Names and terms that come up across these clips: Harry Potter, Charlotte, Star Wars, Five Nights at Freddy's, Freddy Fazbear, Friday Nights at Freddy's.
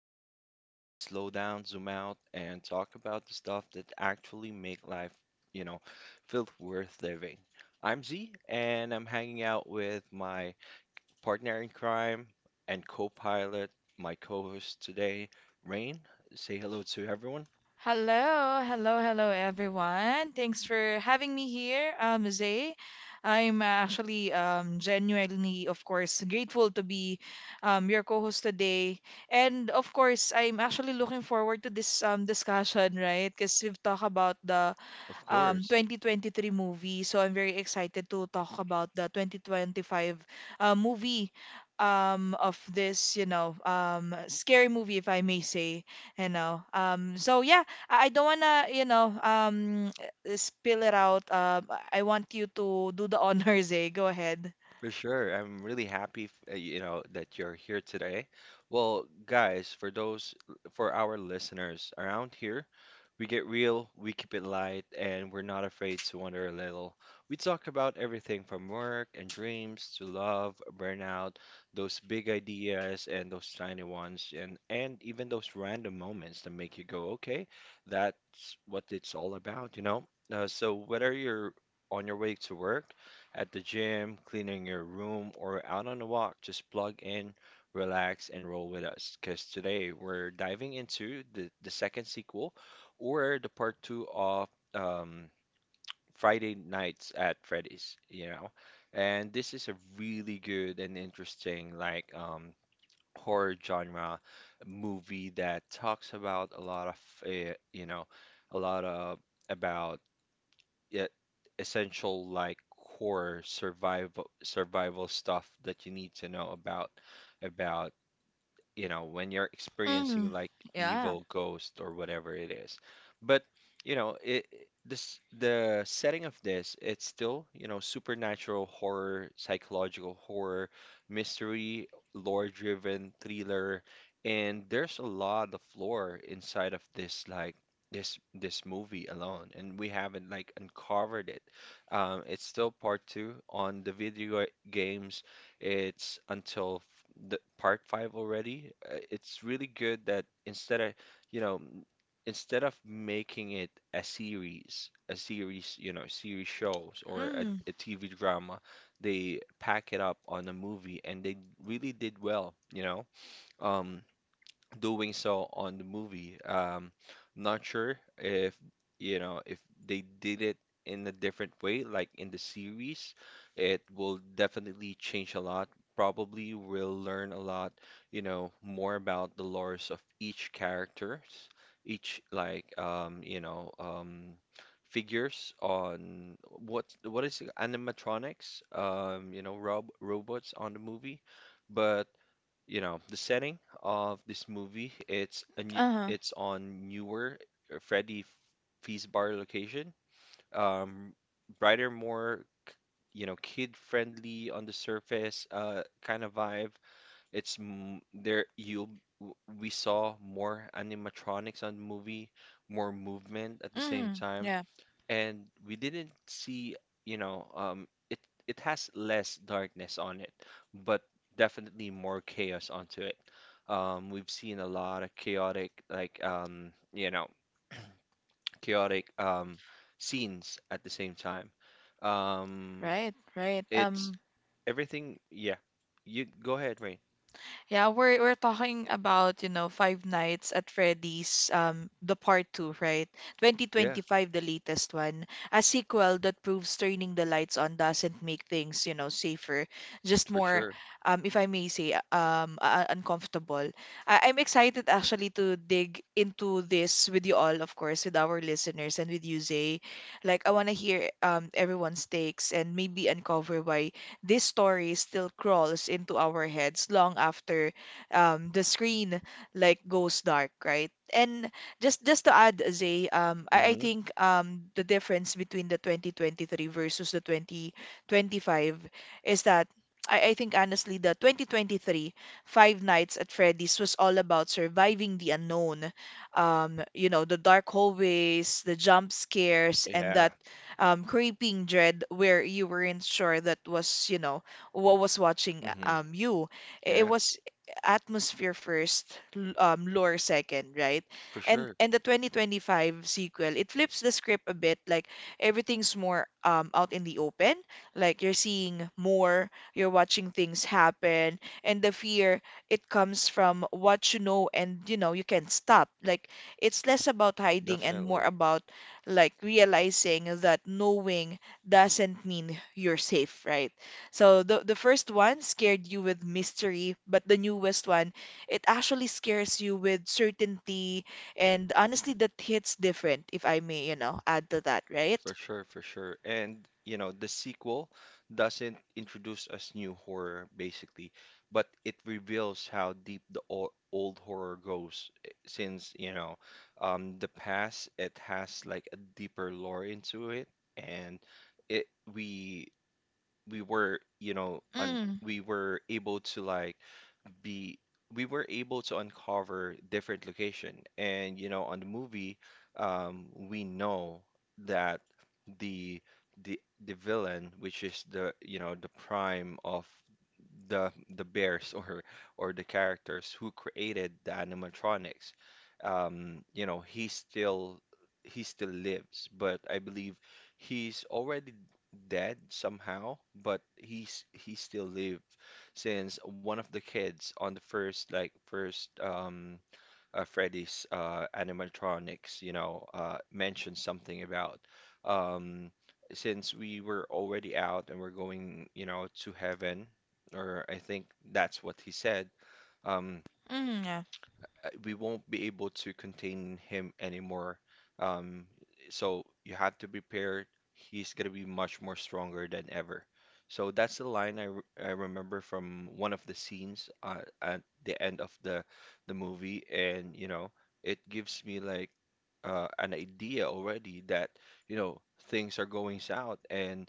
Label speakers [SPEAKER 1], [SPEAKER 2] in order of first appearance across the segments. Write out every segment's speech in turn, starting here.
[SPEAKER 1] the space where we slow down, zoom out, and talk about the stuff that actually make life, you know, feel worth living. I'm Z, and I'm hanging out with my partner in crime and co-pilot, my co-host today, Rain. Say hello to everyone.
[SPEAKER 2] Hello, hello, hello, everyone. Thanks for having me here, Zay. I'm actually genuinely, of course, grateful to be your co-host today. And of course, I'm actually looking forward to this discussion, right? Because we've talked about the
[SPEAKER 1] Of course.
[SPEAKER 2] 2023 movie. So I'm very excited to talk about the 2025 movie of this, scary movie if I may say, So yeah, I don't wanna, spill it out. I want you to do the honors, eh? Go ahead.
[SPEAKER 1] For sure. I'm really happy, that you're here today. Well, guys, for those, for our listeners around here, we get real, we keep it light, and we're not afraid to wonder a little. We talk about everything from work and dreams to love, burnout, those big ideas and those tiny ones, and even those random moments that make you go, okay, that's what it's all about, you know? So whether you're on your way to work, at the gym, cleaning your room, or out on a walk, just plug in, relax, and roll with us. Because today we're diving into the second sequel or the part two of um, Friday Nights at Freddy's, you know. And this is a really good and interesting, like, horror genre movie that talks about a lot of, you know, a lot of about yeah, essential like core survival stuff that you need to know about you know, when you're experiencing
[SPEAKER 2] Mm.
[SPEAKER 1] like
[SPEAKER 2] Yeah.
[SPEAKER 1] evil ghost or whatever it is. But, you know, it- this the setting of this, it's still, you know, supernatural horror, psychological horror, mystery, lore-driven thriller, and there's a lot of lore inside of this like this movie alone, and we haven't like uncovered it. It's still part two on the video games. The part five already. It's really good that instead of, you know, m- instead of making it a series, you know, series shows or
[SPEAKER 2] Mm.
[SPEAKER 1] a TV drama, they pack it up on a movie and they really did well, you know. Um, Doing so on the movie. Not sure if you know if they did it in a different way, like in the series, it will definitely change a lot. Probably we'll learn a lot, you know, more about the lores of each characters, each like figures on what is it, animatronics, you know, robots on the movie. But you know, the setting of this movie, it's a new,
[SPEAKER 2] Uh-huh.
[SPEAKER 1] it's on newer Freddy Fazbear location. Um, Brighter, more, you know, kid-friendly on the surface, kind of vibe. It's m there you w- We saw more animatronics on the movie, more movement at the same
[SPEAKER 2] Mm.
[SPEAKER 1] time,
[SPEAKER 2] Yeah.
[SPEAKER 1] and we didn't see, it it has less darkness on it, but definitely more chaos onto it. We've seen a lot of chaotic, like, you know, chaotic scenes at the same time. Um,
[SPEAKER 2] Right, right.
[SPEAKER 1] it's everything. Yeah, you go ahead, Rain.
[SPEAKER 2] Yeah, we're talking about, you know, Five Nights at Freddy's, the part two, right?
[SPEAKER 1] Yeah,
[SPEAKER 2] 2025, the latest one. A sequel that proves turning the lights on doesn't make things, you know, safer, just
[SPEAKER 1] for
[SPEAKER 2] more,
[SPEAKER 1] sure.
[SPEAKER 2] if I may say, uncomfortable. I'm excited actually to dig into this with you all, of course, with our listeners and with you, Zay. Like, I want to hear everyone's takes and maybe uncover why this story still crawls into our heads long after the screen like goes dark, right? And just to add, Zay, I
[SPEAKER 1] Mm-hmm.
[SPEAKER 2] think the difference between the 2023 versus the 2025 is that I think honestly the 2023 Five Nights at Freddy's was all about surviving the unknown. You know, the dark hallways, the jump scares, and
[SPEAKER 1] Yeah.
[SPEAKER 2] that creeping dread where you weren't sure that was, you know, what was watching
[SPEAKER 1] Mm-hmm.
[SPEAKER 2] you. It
[SPEAKER 1] Yeah,
[SPEAKER 2] was atmosphere first, lore second, right?
[SPEAKER 1] for sure.
[SPEAKER 2] And the 2025 sequel, it flips the script a bit. Like everything's more out in the open. Like you're seeing more, you're watching things happen, and the fear it comes from what you know and you know you can not stop. Like it's less about hiding and more
[SPEAKER 1] Definitely.
[SPEAKER 2] about like realizing that knowing doesn't mean you're safe, right? So the first one scared you with mystery, but the newest one, it actually scares you with certainty, and honestly, that hits different, if I may, you know, add to that, right?
[SPEAKER 1] For sure, for sure. And, you know, the sequel doesn't introduce us new horror, basically, but it reveals how deep the o old horror goes. Eh, since, you know, the past, it has like a deeper lore into it, and it we were, you know, un
[SPEAKER 2] Mm,
[SPEAKER 1] we were able to like be we were able to uncover different location, and you know on the movie we know that the the villain, which is the you know the prime of the bears or the characters who created the animatronics, you know, he still lives, but I believe he's already dead somehow, but he's he still lives, since one of the kids on the first Freddy's animatronics, you know, mentioned something about um since we were already out and we're going, you know, to heaven, or I think that's what he said. Um
[SPEAKER 2] mm.
[SPEAKER 1] we won't be able to contain him anymore. Um, so you have to prepare. He's gonna be much more stronger than ever. So that's the line I remember from one of the scenes at the end of the movie, and you know it gives me like an idea already that you know things are going south, and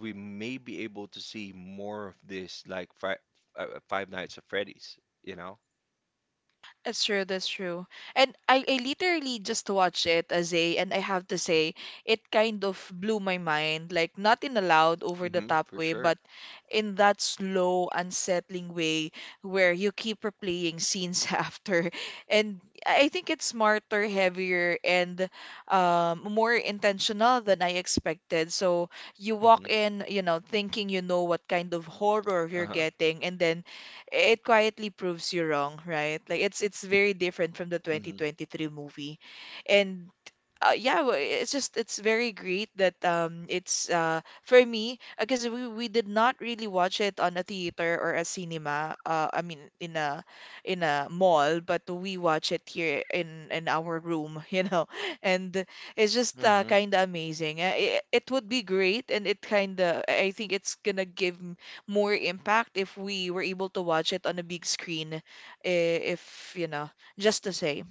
[SPEAKER 1] we may be able to see more of this like Fri Five Nights at Freddy's, you know.
[SPEAKER 2] That's true, that's true. And I literally just watched it as a, and I have to say, it kind of blew my mind. Like, not in a loud, over the top
[SPEAKER 1] For
[SPEAKER 2] way,
[SPEAKER 1] sure.
[SPEAKER 2] but in that slow, unsettling way where you keep replaying scenes after. And I think it's smarter, heavier, and more intentional than I expected. So you
[SPEAKER 1] hmm
[SPEAKER 2] walk in, you know, thinking you know what kind of horror you're
[SPEAKER 1] Uh-huh.
[SPEAKER 2] getting, and then it quietly proves you wrong, right? Like it's very different from the
[SPEAKER 1] hmm
[SPEAKER 2] 2023 movie. And yeah, it's just it's very great that it's for me because we did not really watch it on a theater or a cinema. I mean in a mall, but we watch it here in our room, you know. And it's just
[SPEAKER 1] hmm
[SPEAKER 2] kind of amazing. It it would be great, and it kind of I think it's gonna give more impact if we were able to watch it on a big screen, if you know, just to say.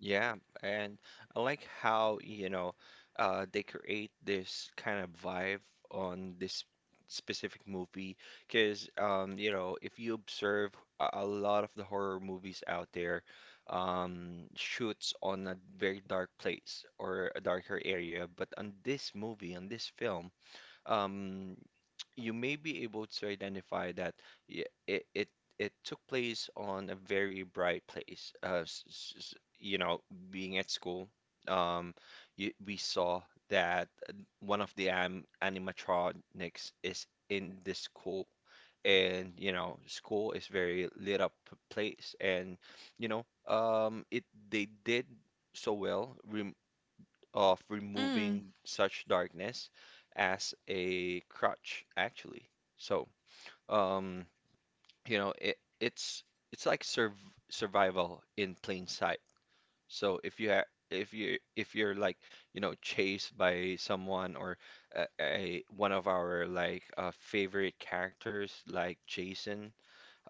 [SPEAKER 1] Yeah, and I like how, you know, they create this kind of vibe on this specific movie. Because, you know, if you observe a lot of the horror movies out there, shoots on a very dark place or a darker area. But on this movie, on this film, um, you may be able to identify that y- it it, it took place on a very bright place. You know, being at school, um, we saw that one of the animatronics is in this school. And you know, school is very lit up place, and you know, it they did so well.
[SPEAKER 2] Mm,
[SPEAKER 1] Removing such darkness as a crutch, actually. So, um, you know, it's like survival in plain sight. So if you're like, you know, chased by someone or a one of our like favorite characters like Jason,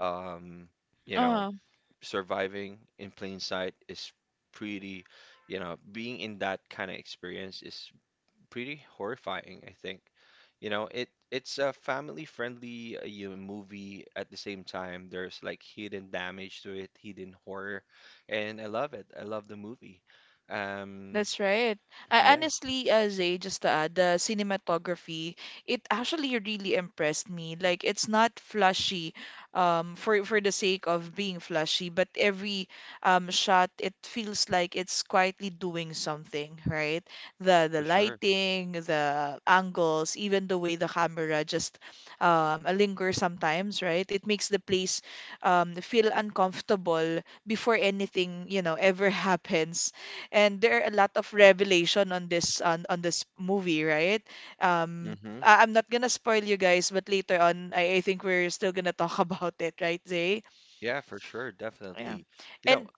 [SPEAKER 1] um, you know,
[SPEAKER 2] uh-huh.
[SPEAKER 1] surviving in plain sight is pretty, you know, being in that kind of experience is pretty horrifying, I think. You know, it it's a family-friendly you know, movie at the same time. There's like hidden damage to it, hidden horror, and I love it. I love the movie. Um,
[SPEAKER 2] That's right.
[SPEAKER 1] yeah,
[SPEAKER 2] Honestly, Zay, just to add, the cinematography, it actually really impressed me. Like, it's not flashy, for the sake of being flashy, but every shot, it feels like it's quietly doing something, right? The
[SPEAKER 1] for sure.
[SPEAKER 2] lighting, the angles, even the way the camera just lingers sometimes, right? It makes the place feel uncomfortable before anything, you know, ever happens and there are a lot of revelation on this movie, right? Um,
[SPEAKER 1] hmm
[SPEAKER 2] I'm not gonna spoil you guys, but later on, I think we're still gonna talk about it, right, Zay?
[SPEAKER 1] Yeah, for sure,
[SPEAKER 2] Yeah.
[SPEAKER 1] definitely. You know,
[SPEAKER 2] And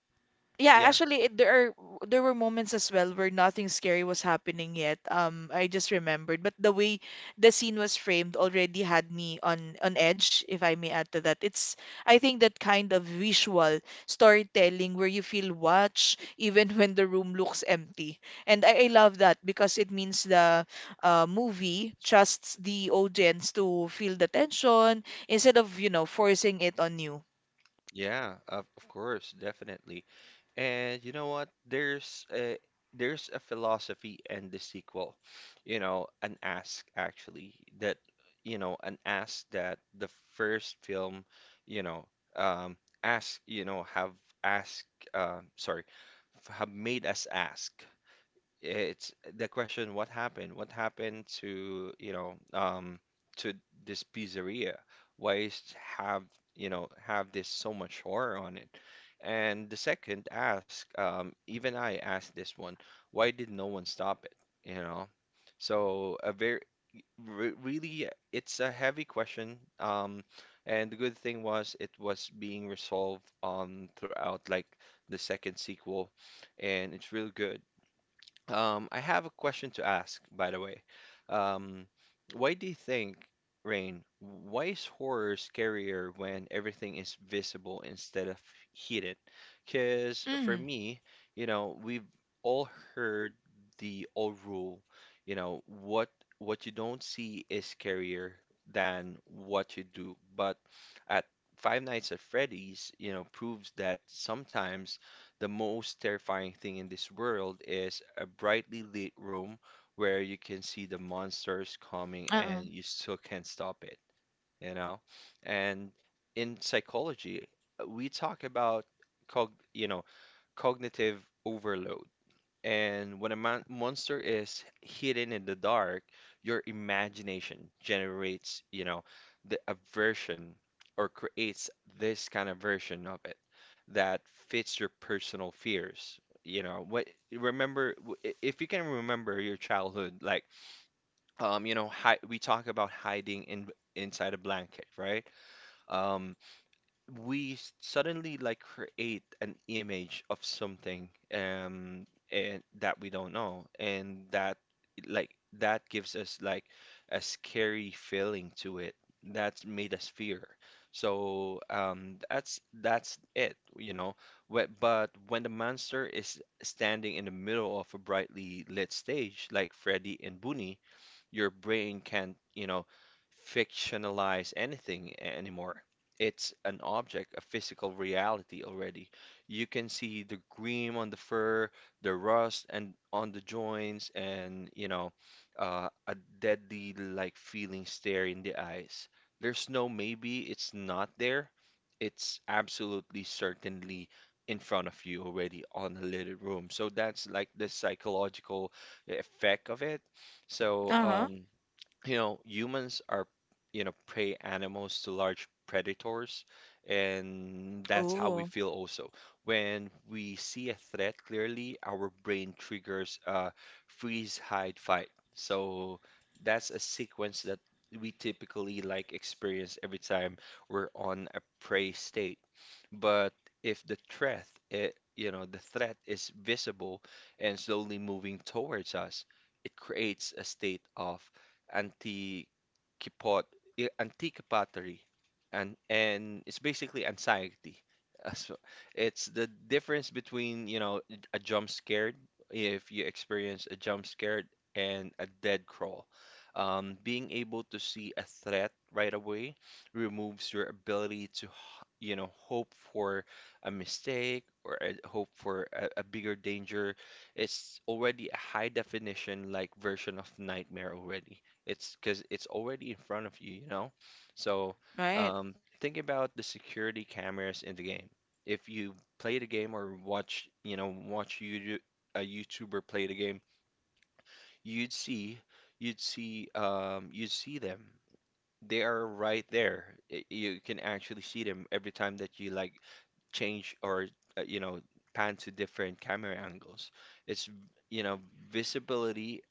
[SPEAKER 2] yeah,
[SPEAKER 1] yeah.
[SPEAKER 2] actually, there are there were moments as well where nothing scary was happening yet. I just remembered, but the way the scene was framed already had me on edge, if I may add to that. It's I think that kind of visual storytelling where you feel watched even when the room looks empty, and I love that because it means the movie trusts the audience to feel the tension instead of you know forcing it on you.
[SPEAKER 1] Yeah, of course, definitely. And you know what? There's a philosophy in the sequel, you know, an ask actually that you know an ask that the first film, you know, um, ask you know have ask sorry, f- have made us ask, it's the question, what happened? What happened to, you know, to this pizzeria? Why is have, you know, have this so much horror on it? And the second ask, even I asked this one, why did no one stop it? You know? So a very re really, it's a heavy question. And the good thing was it was being resolved throughout like the second sequel, and it's real good. I have a question to ask, by the way. Um, why do you think, Rain, why is horror scarier when everything is visible instead of hidden? Because for
[SPEAKER 2] Mm.
[SPEAKER 1] me, you know, we've all heard the old rule, you know, what you don't see is scarier than what you do. But at Five Nights at Freddy's, you know, proves that sometimes the most terrifying thing in this world is a brightly lit room where you can see the monsters coming
[SPEAKER 2] Uh-uh.
[SPEAKER 1] and you still can't stop it, you know? And in psychology, we talk about cog you know, cognitive overload. And when a monster is hidden in the dark, your imagination generates, you know, the a version or creates this kind of version of it that fits your personal fears. You know, what remember w- I- if you can remember your childhood, like we talk about hiding in inside a blanket, right? Um, we suddenly like create an image of something and that we don't know, and that like that gives us like a scary feeling to it that's made us fear. So um, that's it, you know. But when the monster is standing in the middle of a brightly lit stage like Freddy and Bunny, your brain can't, you know, fictionalize anything anymore. It's an object, a physical reality already. You can see the green on the fur, the rust and on the joints, and you know, a deadly like feeling stare in the eyes. There's no maybe, it's not there. It's absolutely certainly in front of you already on a little room. So that's like the psychological effect of it. So
[SPEAKER 2] Uh-huh.
[SPEAKER 1] um, you know, humans are, you know, prey animals to large predators, and that's how we
[SPEAKER 2] Oh.
[SPEAKER 1] feel also. When we see a threat clearly, our brain triggers a freeze, hide, fight. So that's a sequence that we typically like experience every time we're on a prey state. But if the threat, it, you know, the threat is visible and slowly moving towards us, it creates a state of anti-kipot, anti-kipottery, and it's basically anxiety. So it's the difference between, you know, a jump scared, if you experience a jump scared, and a dead crawl. Being able to see a threat right away removes your ability to, you know, hope for a mistake or a, hope for a bigger danger. It's already a high definition like version of nightmare already. It's because it's already in front of you, you know? So,
[SPEAKER 2] Right.
[SPEAKER 1] um, think about the security cameras in the game. If you play the game or watch, you know, watch you a YouTuber play the game, you'd see, you'd see them. They are right there. You can actually see them every time that you like change or uh, you know pan to different camera angles. It's you know visibility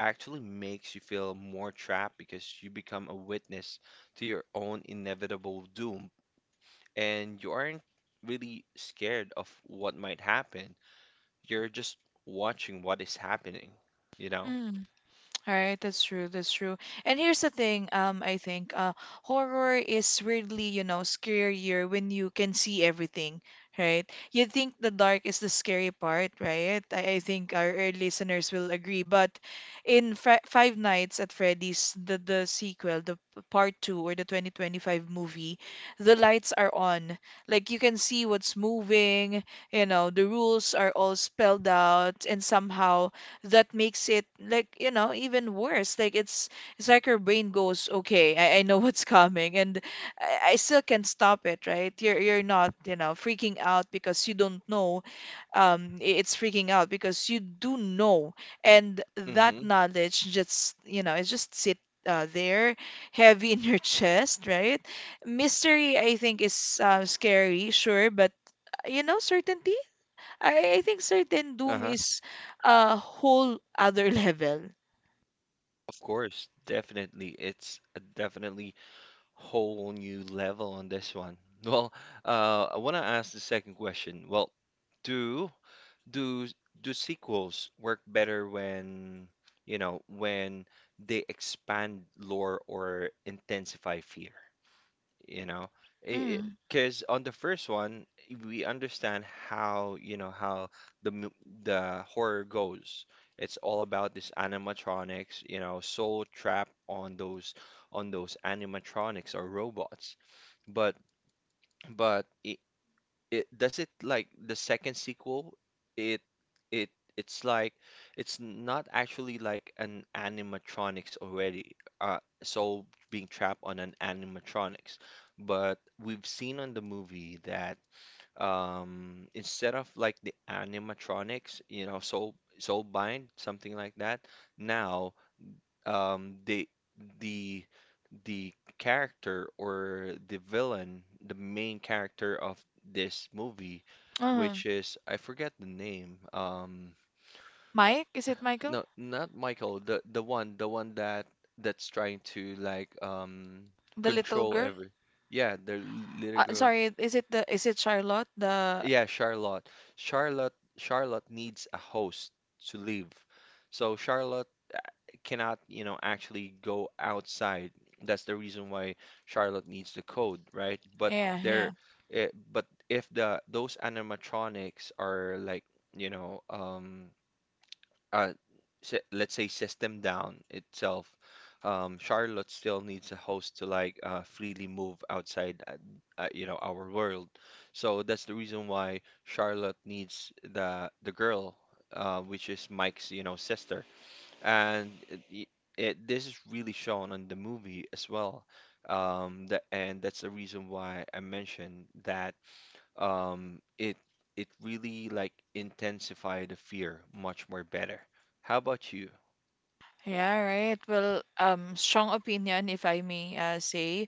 [SPEAKER 1] actually makes you feel more trapped because you become a witness to your own inevitable doom, and you aren't really scared of what might happen. You're just watching what is happening, you know?
[SPEAKER 2] Mm. All right, that's true, that's true. And here's the thing, I think horror is weirdly, you know, scarier when you can see everything, right? You think the dark is the scary part, right? I think our early listeners will agree. But in Fri Five Nights at Freddy's, the sequel, the part two or the 2025 movie, the lights are on. Like you can see what's moving, you know, the rules are all spelled out, and somehow that makes it like, you know, even worse. Like it's like your brain goes, okay, I know what's coming and I still can stop it, right? You're not, you know, freaking out because you don't know. It's freaking out because you do know, and that
[SPEAKER 1] Mm-hmm.
[SPEAKER 2] knowledge just, you know, it just sit there, heavy in your chest, right? Mystery, I think, is scary, sure, but you know, certainty. I think certain doom
[SPEAKER 1] Uh-huh.
[SPEAKER 2] is a whole other level.
[SPEAKER 1] Of course, definitely. It's a definitely whole new level on this one. Well, I want to ask the second question. Well, do Do do sequels work better when, when they expand lore or intensify fear, you know?
[SPEAKER 2] Mm.
[SPEAKER 1] Because on the first one, we understand how, you know, how the mo- the horror goes. It's all about this animatronics, you know, soul trap on those animatronics or robots. But but it does it like the second sequel it it it's like it's not actually like an animatronics already uh soul being trapped on an animatronics. But we've seen on the movie that instead of like the animatronics, you know, soul bind something like that. Now, um the the the character or the villain, the main character of this movie,
[SPEAKER 2] Uh-huh.
[SPEAKER 1] which is, I forget the name.
[SPEAKER 2] Mike? Is it Michael?
[SPEAKER 1] No, not Michael. The one that that's trying to like
[SPEAKER 2] The little
[SPEAKER 1] control
[SPEAKER 2] girl?
[SPEAKER 1] every. Yeah, the little girl.
[SPEAKER 2] Sorry, is it the is it Charlotte? The
[SPEAKER 1] Yeah, Charlotte. Charlotte needs a host to live. So Charlotte uh, cannot, you know, actually go outside. That's the reason why Charlotte needs the code, right? But
[SPEAKER 2] yeah, yeah.
[SPEAKER 1] there, but if the those animatronics are like, you know, uh, let's say system down itself, Charlotte still needs a host to like freely move outside, you know, our world. So that's the reason why Charlotte needs the girl, which is Mike's, you know, sister, and this is really shown on the movie as well. That, and that's the reason why I mentioned that it it really like intensify the fear much more better. How about you?
[SPEAKER 2] Yeah, right. Well, strong opinion if I may say.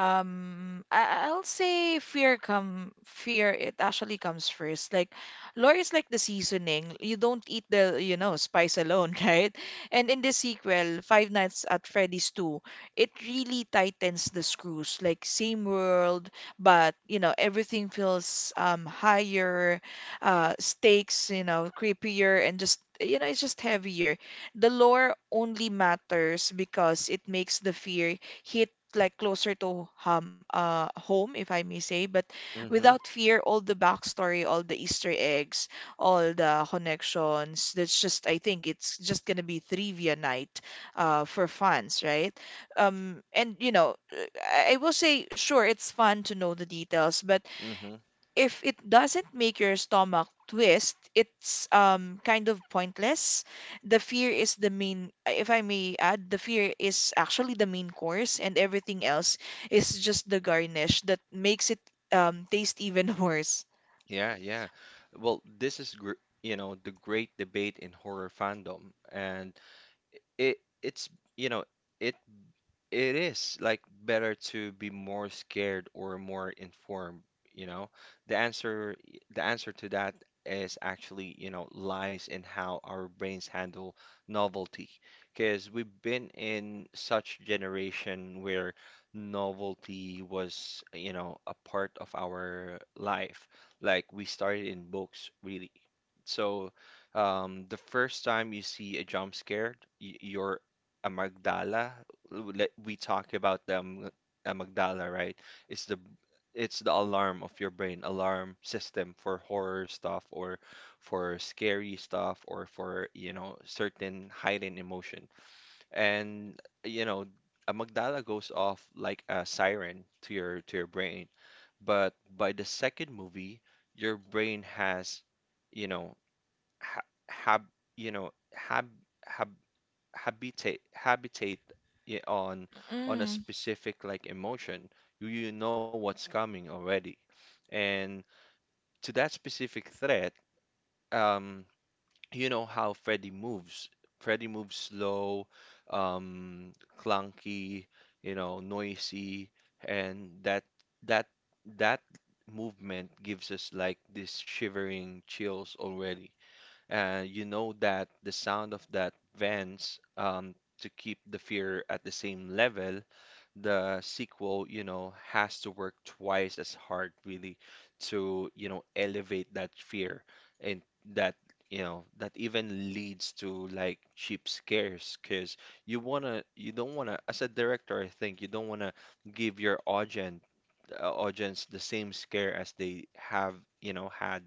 [SPEAKER 2] I'll say fear it actually comes first. Like lore is like the seasoning. You don't eat the you know spice alone, right? And in the sequel, Five Nights at Freddy's 2, it really tightens the screws. Like same world, but you know everything feels higher, stakes, you know, creepier and just you know it's just heavier. The lore only matters because it makes the fear hit like closer to home if I may say but
[SPEAKER 1] Mm-hmm.
[SPEAKER 2] without fear all the backstory all the Easter eggs all the connections that's just I think it's just gonna be trivia night for fans right and you know I will say sure it's fun to know the details but
[SPEAKER 1] Mm-hmm.
[SPEAKER 2] if it doesn't make your stomach twist, it's kind of pointless. The fear is the main, if I may add, the fear is actually the main course, and everything else is just the garnish that makes it taste even worse.
[SPEAKER 1] Yeah, yeah. Well, this is gr you know the great debate in horror fandom, and it it's you know it. It is like better to be more scared or more informed, you know? The answer the answer to that is actually, you know, lies in how our brains handle novelty. Because we've been in such generation where novelty was, you know, a part of our life. Like we started in books, really. So, the first time you see a jump scare, y- you're a Magdala l- let we talk about amygdala, right? It's the it's the alarm of your brain, alarm system for horror stuff or for scary stuff or for, you know, certain heightened emotion. And you know, amygdala goes off like a siren to your brain. But by the second movie, your brain has, you know, ha hab, you know, hab, hab habitate habitate i- on on a
[SPEAKER 2] Mm,
[SPEAKER 1] specific like emotion, you know what's coming already. And to that specific threat, um, you know how Freddy moves. Freddy moves slow, um, clunky, you know, noisy, and that that movement gives us like this shivering chills already, you know that the sound of that vents, to keep the fear at the same level, the sequel, you know, has to work twice as hard really to, you know, elevate that fear. And that you know that even leads to like cheap scares because you don't want to, as a director, I think you don't want to give your audience the same scare as they have, you know, had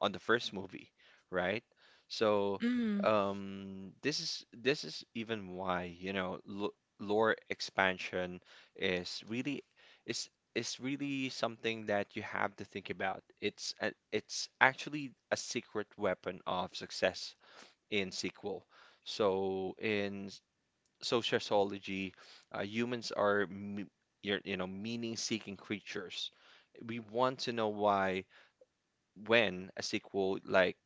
[SPEAKER 1] on the first movie, right? So,
[SPEAKER 2] mm,
[SPEAKER 1] this is even why, you know, l lore expansion is really is really something that you have to think about. It's a, it's actually a secret weapon of success in sequel. So in sociology, humans are m you're, you know, meaning-seeking creatures. We want to know why when a sequel like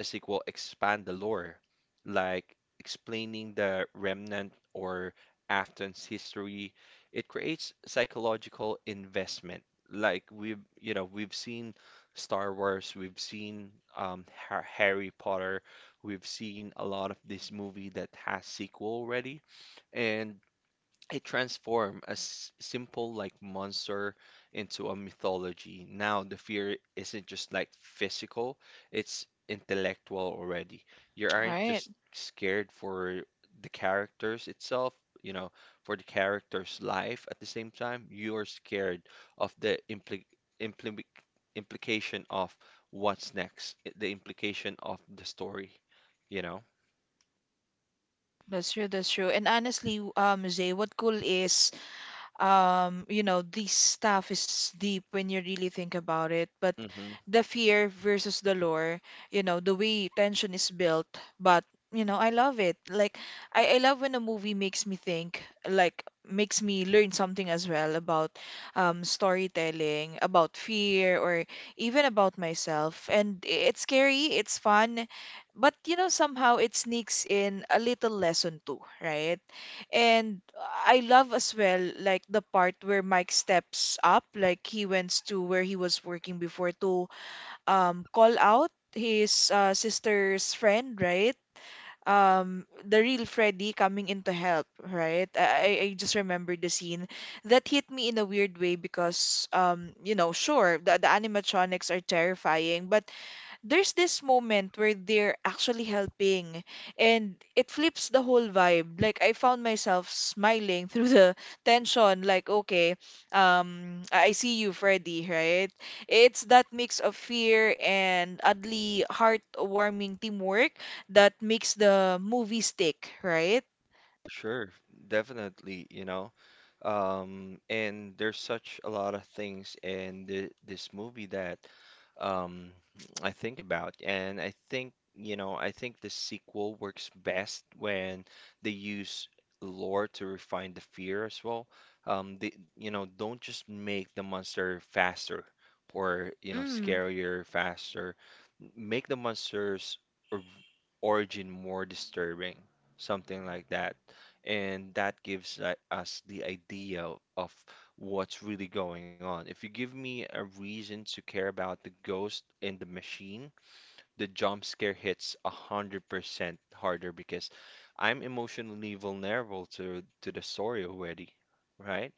[SPEAKER 1] a sequel expand the lore, like explaining the remnant or Afton's history. It creates psychological investment. Like we've, you know, we've seen Star Wars, we've seen Harry Potter, we've seen a lot of this movie that has sequel already, and it transformed a simple like monster into a mythology. Now the fear isn't just like physical, it's intellectual already. You aren't
[SPEAKER 2] right.
[SPEAKER 1] just scared for the characters itself, you know, for the character's life. At the same time, you are scared of the impli implication of what's next, the implication of the story, you know?
[SPEAKER 2] That's true, that's true. And honestly, Zay, what cool is you know, this stuff is deep when you really think about it. But the fear versus the lore, you know, the way tension is built, but you know, I love it. Like I love when a movie makes me think, like makes me learn something as well about storytelling, about fear, or even about myself. And it's scary, it's fun, but you know, somehow it sneaks in a little lesson too, right? And I love as well like the part where Mike steps up, like he went to where he was working before to call out his sister's friend, right? The real Freddy coming in to help, right? I just remember the scene that hit me in a weird way because you know, sure, the animatronics are terrifying, but there's this moment where they're actually helping and it flips the whole vibe. Like I found myself smiling through the tension, like, okay, I see you, Freddy, right? It's that mix of fear and oddly heartwarming teamwork that makes the movie stick, right?
[SPEAKER 1] For sure, definitely, you know. And there's such a lot of things in the, this movie that um, I think about. And I think, you know, I think the sequel works best when they use lore to refine the fear as well. They, you know, don't just make the monster faster or, you know,
[SPEAKER 2] Mm,
[SPEAKER 1] scarier, faster. Make the or- origin more disturbing, something like that, and that gives, us the idea of what's really going on. If you give me a reason to care about the ghost and the machine, the jump scare hits 100% harder because I'm emotionally vulnerable to the story already, right?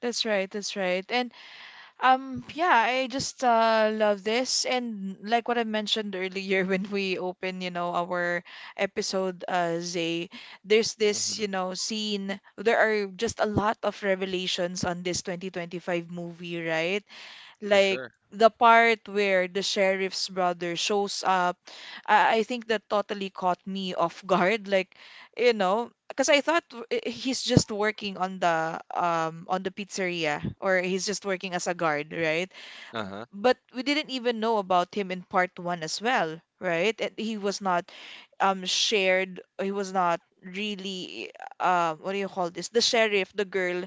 [SPEAKER 2] that's right, that's right. And um, yeah, I just love this. And like what I mentioned earlier when we open, you know, our episode, Zay, there's this,
[SPEAKER 1] Hmm.
[SPEAKER 2] you know, scene. There are just a lot of revelations on this 2025 movie, right?
[SPEAKER 1] For
[SPEAKER 2] Like
[SPEAKER 1] sure.
[SPEAKER 2] the part where the sheriff's brother shows up I think that totally caught me off guard. Like, you know, because I thought he's just working on the pizzeria or he's just working as a guard, right?
[SPEAKER 1] Uh-huh.
[SPEAKER 2] But we didn't even know about him in part one as well, right? And he was not shared he was not really what do you call this? The sheriff, the girl,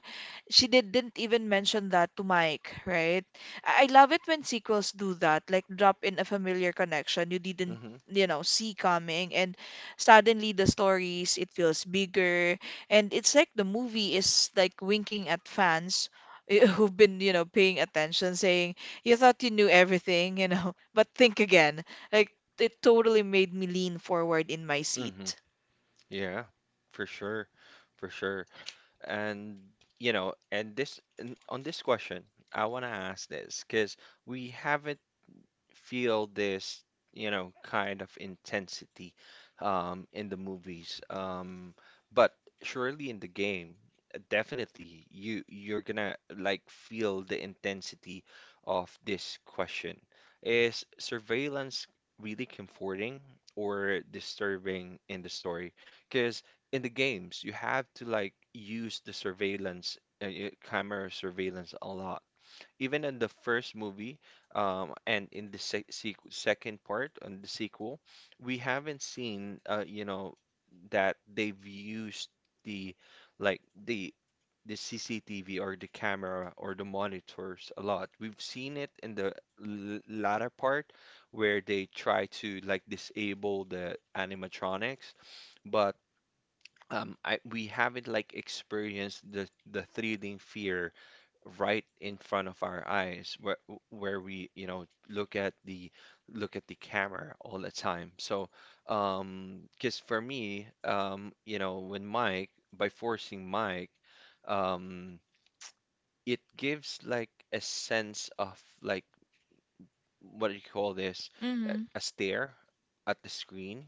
[SPEAKER 2] didn't even mention that to Mike, right? I love it when sequels do that, like drop in a familiar connection you didn't,
[SPEAKER 1] Mm-hmm.
[SPEAKER 2] you know, see coming, and suddenly the stories it feels bigger, and it's like the movie is like winking at fans. Who've been, you know, paying attention, saying, "You thought you knew everything, you know, but think again." Like, it totally made me lean forward in my
[SPEAKER 1] Mm-hmm.
[SPEAKER 2] seat.
[SPEAKER 1] Yeah, for sure. For sure. And you know, and this and on this question, I want to ask this because we haven't feel this, you know, kind of intensity in the movies. But surely in the game, definitely you're gonna like feel the intensity of this question. Is surveillance really comforting or disturbing in the story? Because in the games, you have to like use the surveillance camera surveillance a lot, even in the first movie, and in the second part and the sequel, we haven't seen, you know, that they've used the like the CCTV or the camera or the monitors a lot. We've seen it in the l latter part where they try to like disable the animatronics, but I we haven't like experienced the 3D fear right in front of our eyes where we, you know, look at the camera all the time. So um, because for me, um, you know, when Mike by forcing Mike, um, it gives like a sense of like, what do you call this,
[SPEAKER 2] Mm-hmm.
[SPEAKER 1] a stare at the screen,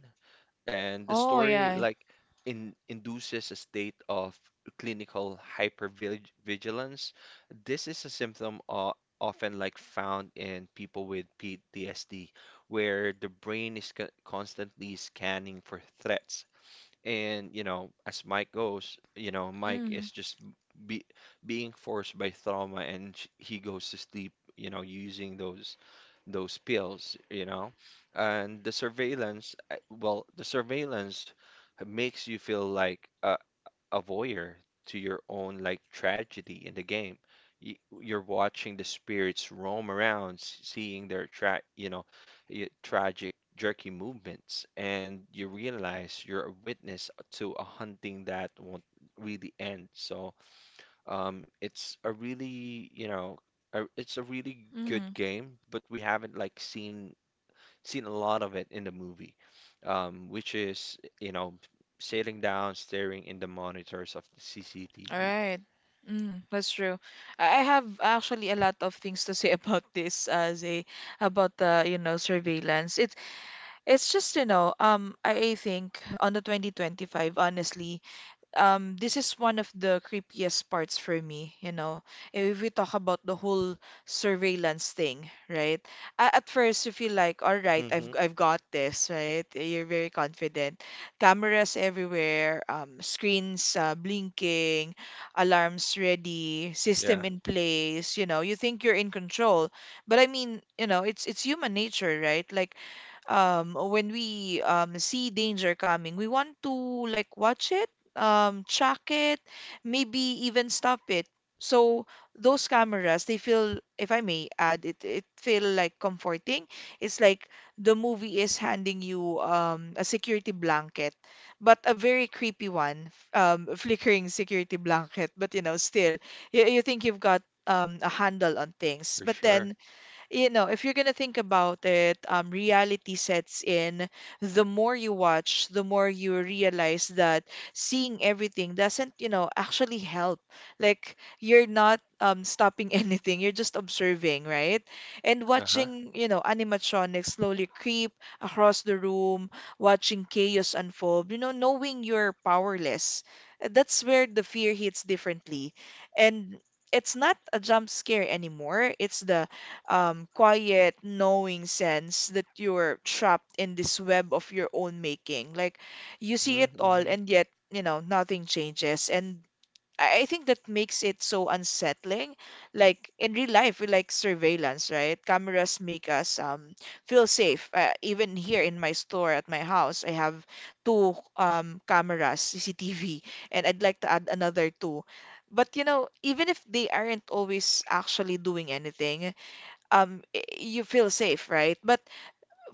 [SPEAKER 1] and the
[SPEAKER 2] Oh
[SPEAKER 1] story
[SPEAKER 2] yeah.
[SPEAKER 1] like induces a state of clinical hypervigilance. This is a symptom often like found in people with PTSD, where the brain is constantly scanning for threats, and, you know, as Mike goes, you know, Mike
[SPEAKER 2] Mm.
[SPEAKER 1] is just be, being forced by trauma, and he goes to sleep, you know, using those pills, you know. And the surveillance, well, the surveillance makes you feel like a voyeur to your own like tragedy in the game. You're watching the spirits roam around, seeing their tra you know, tragic, jerky movements, and you realize you're a witness to a hunting that won't really end. So, it's a really, you know, it's a really good
[SPEAKER 2] Hmm.
[SPEAKER 1] game, but we haven't like seen a lot of it in the movie, which is, you know, sitting down, staring in the monitors of the
[SPEAKER 2] All
[SPEAKER 1] CCTV.
[SPEAKER 2] right. Mm, that's true. I have actually a lot of things to say about this, Zay, about the, you know, surveillance. It's just, you know, I think on the 2025, honestly, this is one of the creepiest parts for me, you know, if we talk about the whole surveillance thing, right? At first you feel like, all right, I've
[SPEAKER 1] Mm-hmm.
[SPEAKER 2] I've got this, right? You're very confident. Cameras everywhere, screens, blinking alarms, ready,
[SPEAKER 1] Yeah,
[SPEAKER 2] system in place, you know, you think you're in control. But I mean, you know, it's human nature, right? When we see danger coming, we want to like watch it, track it, maybe even stop it. So those cameras, they feel, if I may add, it feel like comforting. It's like the movie is handing you a security blanket, but a very creepy one, a flickering security blanket. But you know, still, you think you've got a handle on things,
[SPEAKER 1] for
[SPEAKER 2] but
[SPEAKER 1] sure.
[SPEAKER 2] then you know, if you're gonna think about it, reality sets in. The more you watch, the more you realize that seeing everything doesn't, you know, actually help. Like you're not stopping anything. You're just observing, right? And
[SPEAKER 1] Uh-huh.
[SPEAKER 2] watching, you know, animatronics slowly creep across the room, watching chaos unfold, you know, knowing you're powerless. That's where the fear hits differently. And it's not a jump scare anymore. It's the quiet, knowing sense that you're trapped in this web of your own making. Like you see it
[SPEAKER 1] Mm-hmm,
[SPEAKER 2] all,
[SPEAKER 1] mm-hmm.
[SPEAKER 2] and yet, you know, nothing changes. And I think that makes it so unsettling. Like in real life, we like surveillance, right? Cameras make us feel safe. Even here in my store at my house, I have two cameras, CCTV, and I'd like to add another two. But you know, even if they aren't always actually doing anything, you feel safe, right? But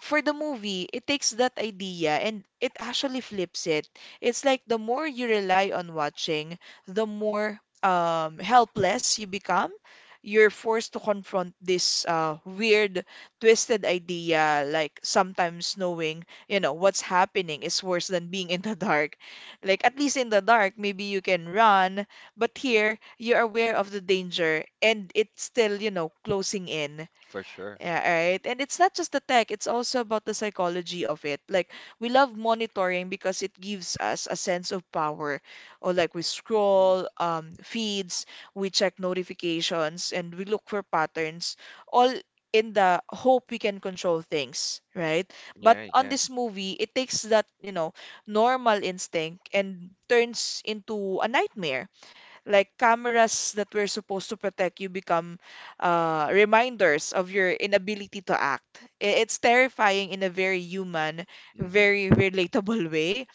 [SPEAKER 2] for the movie, it takes that idea and it actually flips it. It's like the more you rely on watching, the more helpless you become. You're forced to confront this weird, twisted idea, like sometimes knowing, you know, what's happening is worse than being in the dark. Like, at least in the dark, maybe you can run, but here, you're aware of the danger and it's still, you know, closing in.
[SPEAKER 1] For sure.
[SPEAKER 2] Yeah, right. And it's not just the tech, it's also about the psychology of it. Like, we love monitoring because it gives us a sense of power. Or, like, we scroll feeds, we check notifications, and we look for patterns, all in the hope we can control things, right? But
[SPEAKER 1] Yeah,
[SPEAKER 2] on
[SPEAKER 1] yeah.
[SPEAKER 2] this movie, it takes that, you know, normal instinct and turns into a nightmare. Like cameras that were supposed to protect you become reminders of your inability to act. It's terrifying in a very human,
[SPEAKER 1] Mm-hmm.
[SPEAKER 2] very relatable way.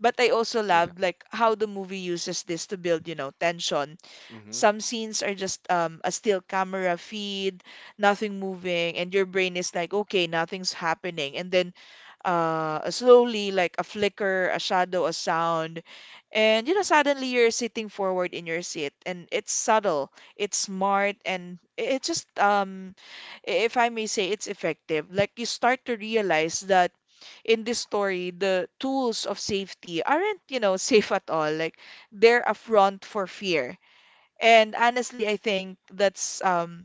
[SPEAKER 2] But I also
[SPEAKER 1] Yeah.
[SPEAKER 2] loved like how the movie uses this to build, you know, tension.
[SPEAKER 1] Mm-hmm.
[SPEAKER 2] Some scenes are just a still camera feed, nothing moving, and your brain is like, okay, nothing's happening. And then slowly, like a flicker, a shadow, a sound. And, you know, suddenly you're sitting forward in your seat. And it's subtle, it's smart, and it's just, if I may say, it's effective. Like, you start to realize that in this story, the tools of safety aren't, you know, safe at all. Like, they're a front for fear, and honestly, I think that's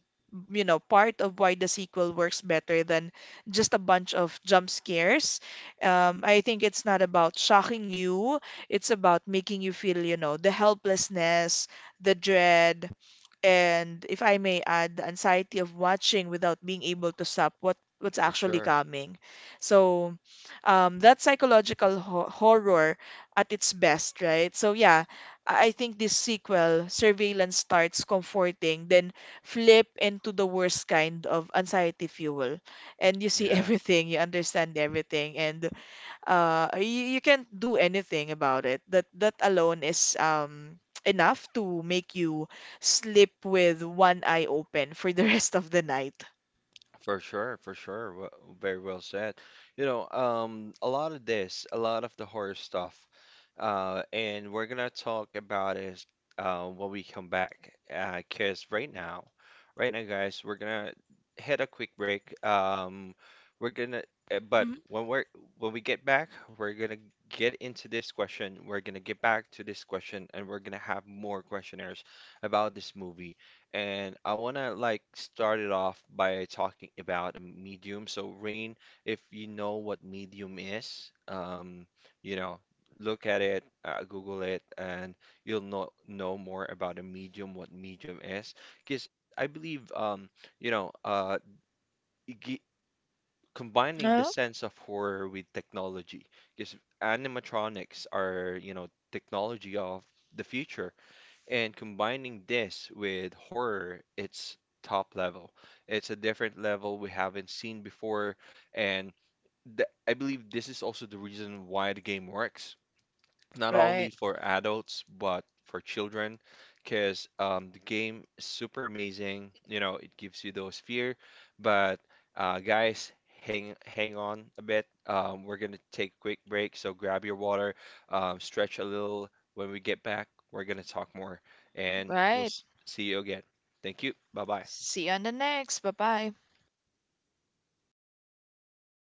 [SPEAKER 2] you know part of why the sequel works better than just a bunch of jump scares. I think it's not about shocking you. It's about making you feel, you know, the helplessness, the dread, and if I may add, the anxiety of watching without being able to stop what's
[SPEAKER 1] For
[SPEAKER 2] actually
[SPEAKER 1] sure.
[SPEAKER 2] coming. So, that psychological ho horror at its best, right? So yeah, I think this sequel, Surveillance, starts comforting, then flip into the worst kind of anxiety fuel, and you see
[SPEAKER 1] Yeah.
[SPEAKER 2] everything, you understand everything, and you can't do anything about it. That alone is enough to make you sleep with one eye open for the rest of the night.
[SPEAKER 1] For sure, for sure. Well, very well said. You know, a lot of this, a lot of the horror stuff, and we're gonna talk about it when we come back. 'Cause right now, guys, we're gonna hit a quick break. We're gonna, but
[SPEAKER 2] Mhm.
[SPEAKER 1] when we get back, we're gonna get into this question. We're gonna get back to this question, and we're gonna have more questionnaires about this movie, and I want to like start it off by talking about a medium. So rain, if you know what medium is, you know, look at it, Google it, and you'll know more about a medium, what medium is. Because I believe, you know, it gi- combining the
[SPEAKER 2] Oh,
[SPEAKER 1] sense of horror with technology, because animatronics are, you know, technology of the future, and combining this with horror, it's top level. It's a different level we haven't seen before. And th I believe this is also the reason why the game works not only
[SPEAKER 2] right.
[SPEAKER 1] for adults but for children because the game is super amazing, you know, it gives you those fear. But guys, hang on a bit, we're gonna take a quick break, so grab your water, stretch a little. When we get back, we're gonna talk more, and we'll
[SPEAKER 2] Right.
[SPEAKER 1] see you again. Thank you, bye bye.
[SPEAKER 2] See you on the next. Bye bye.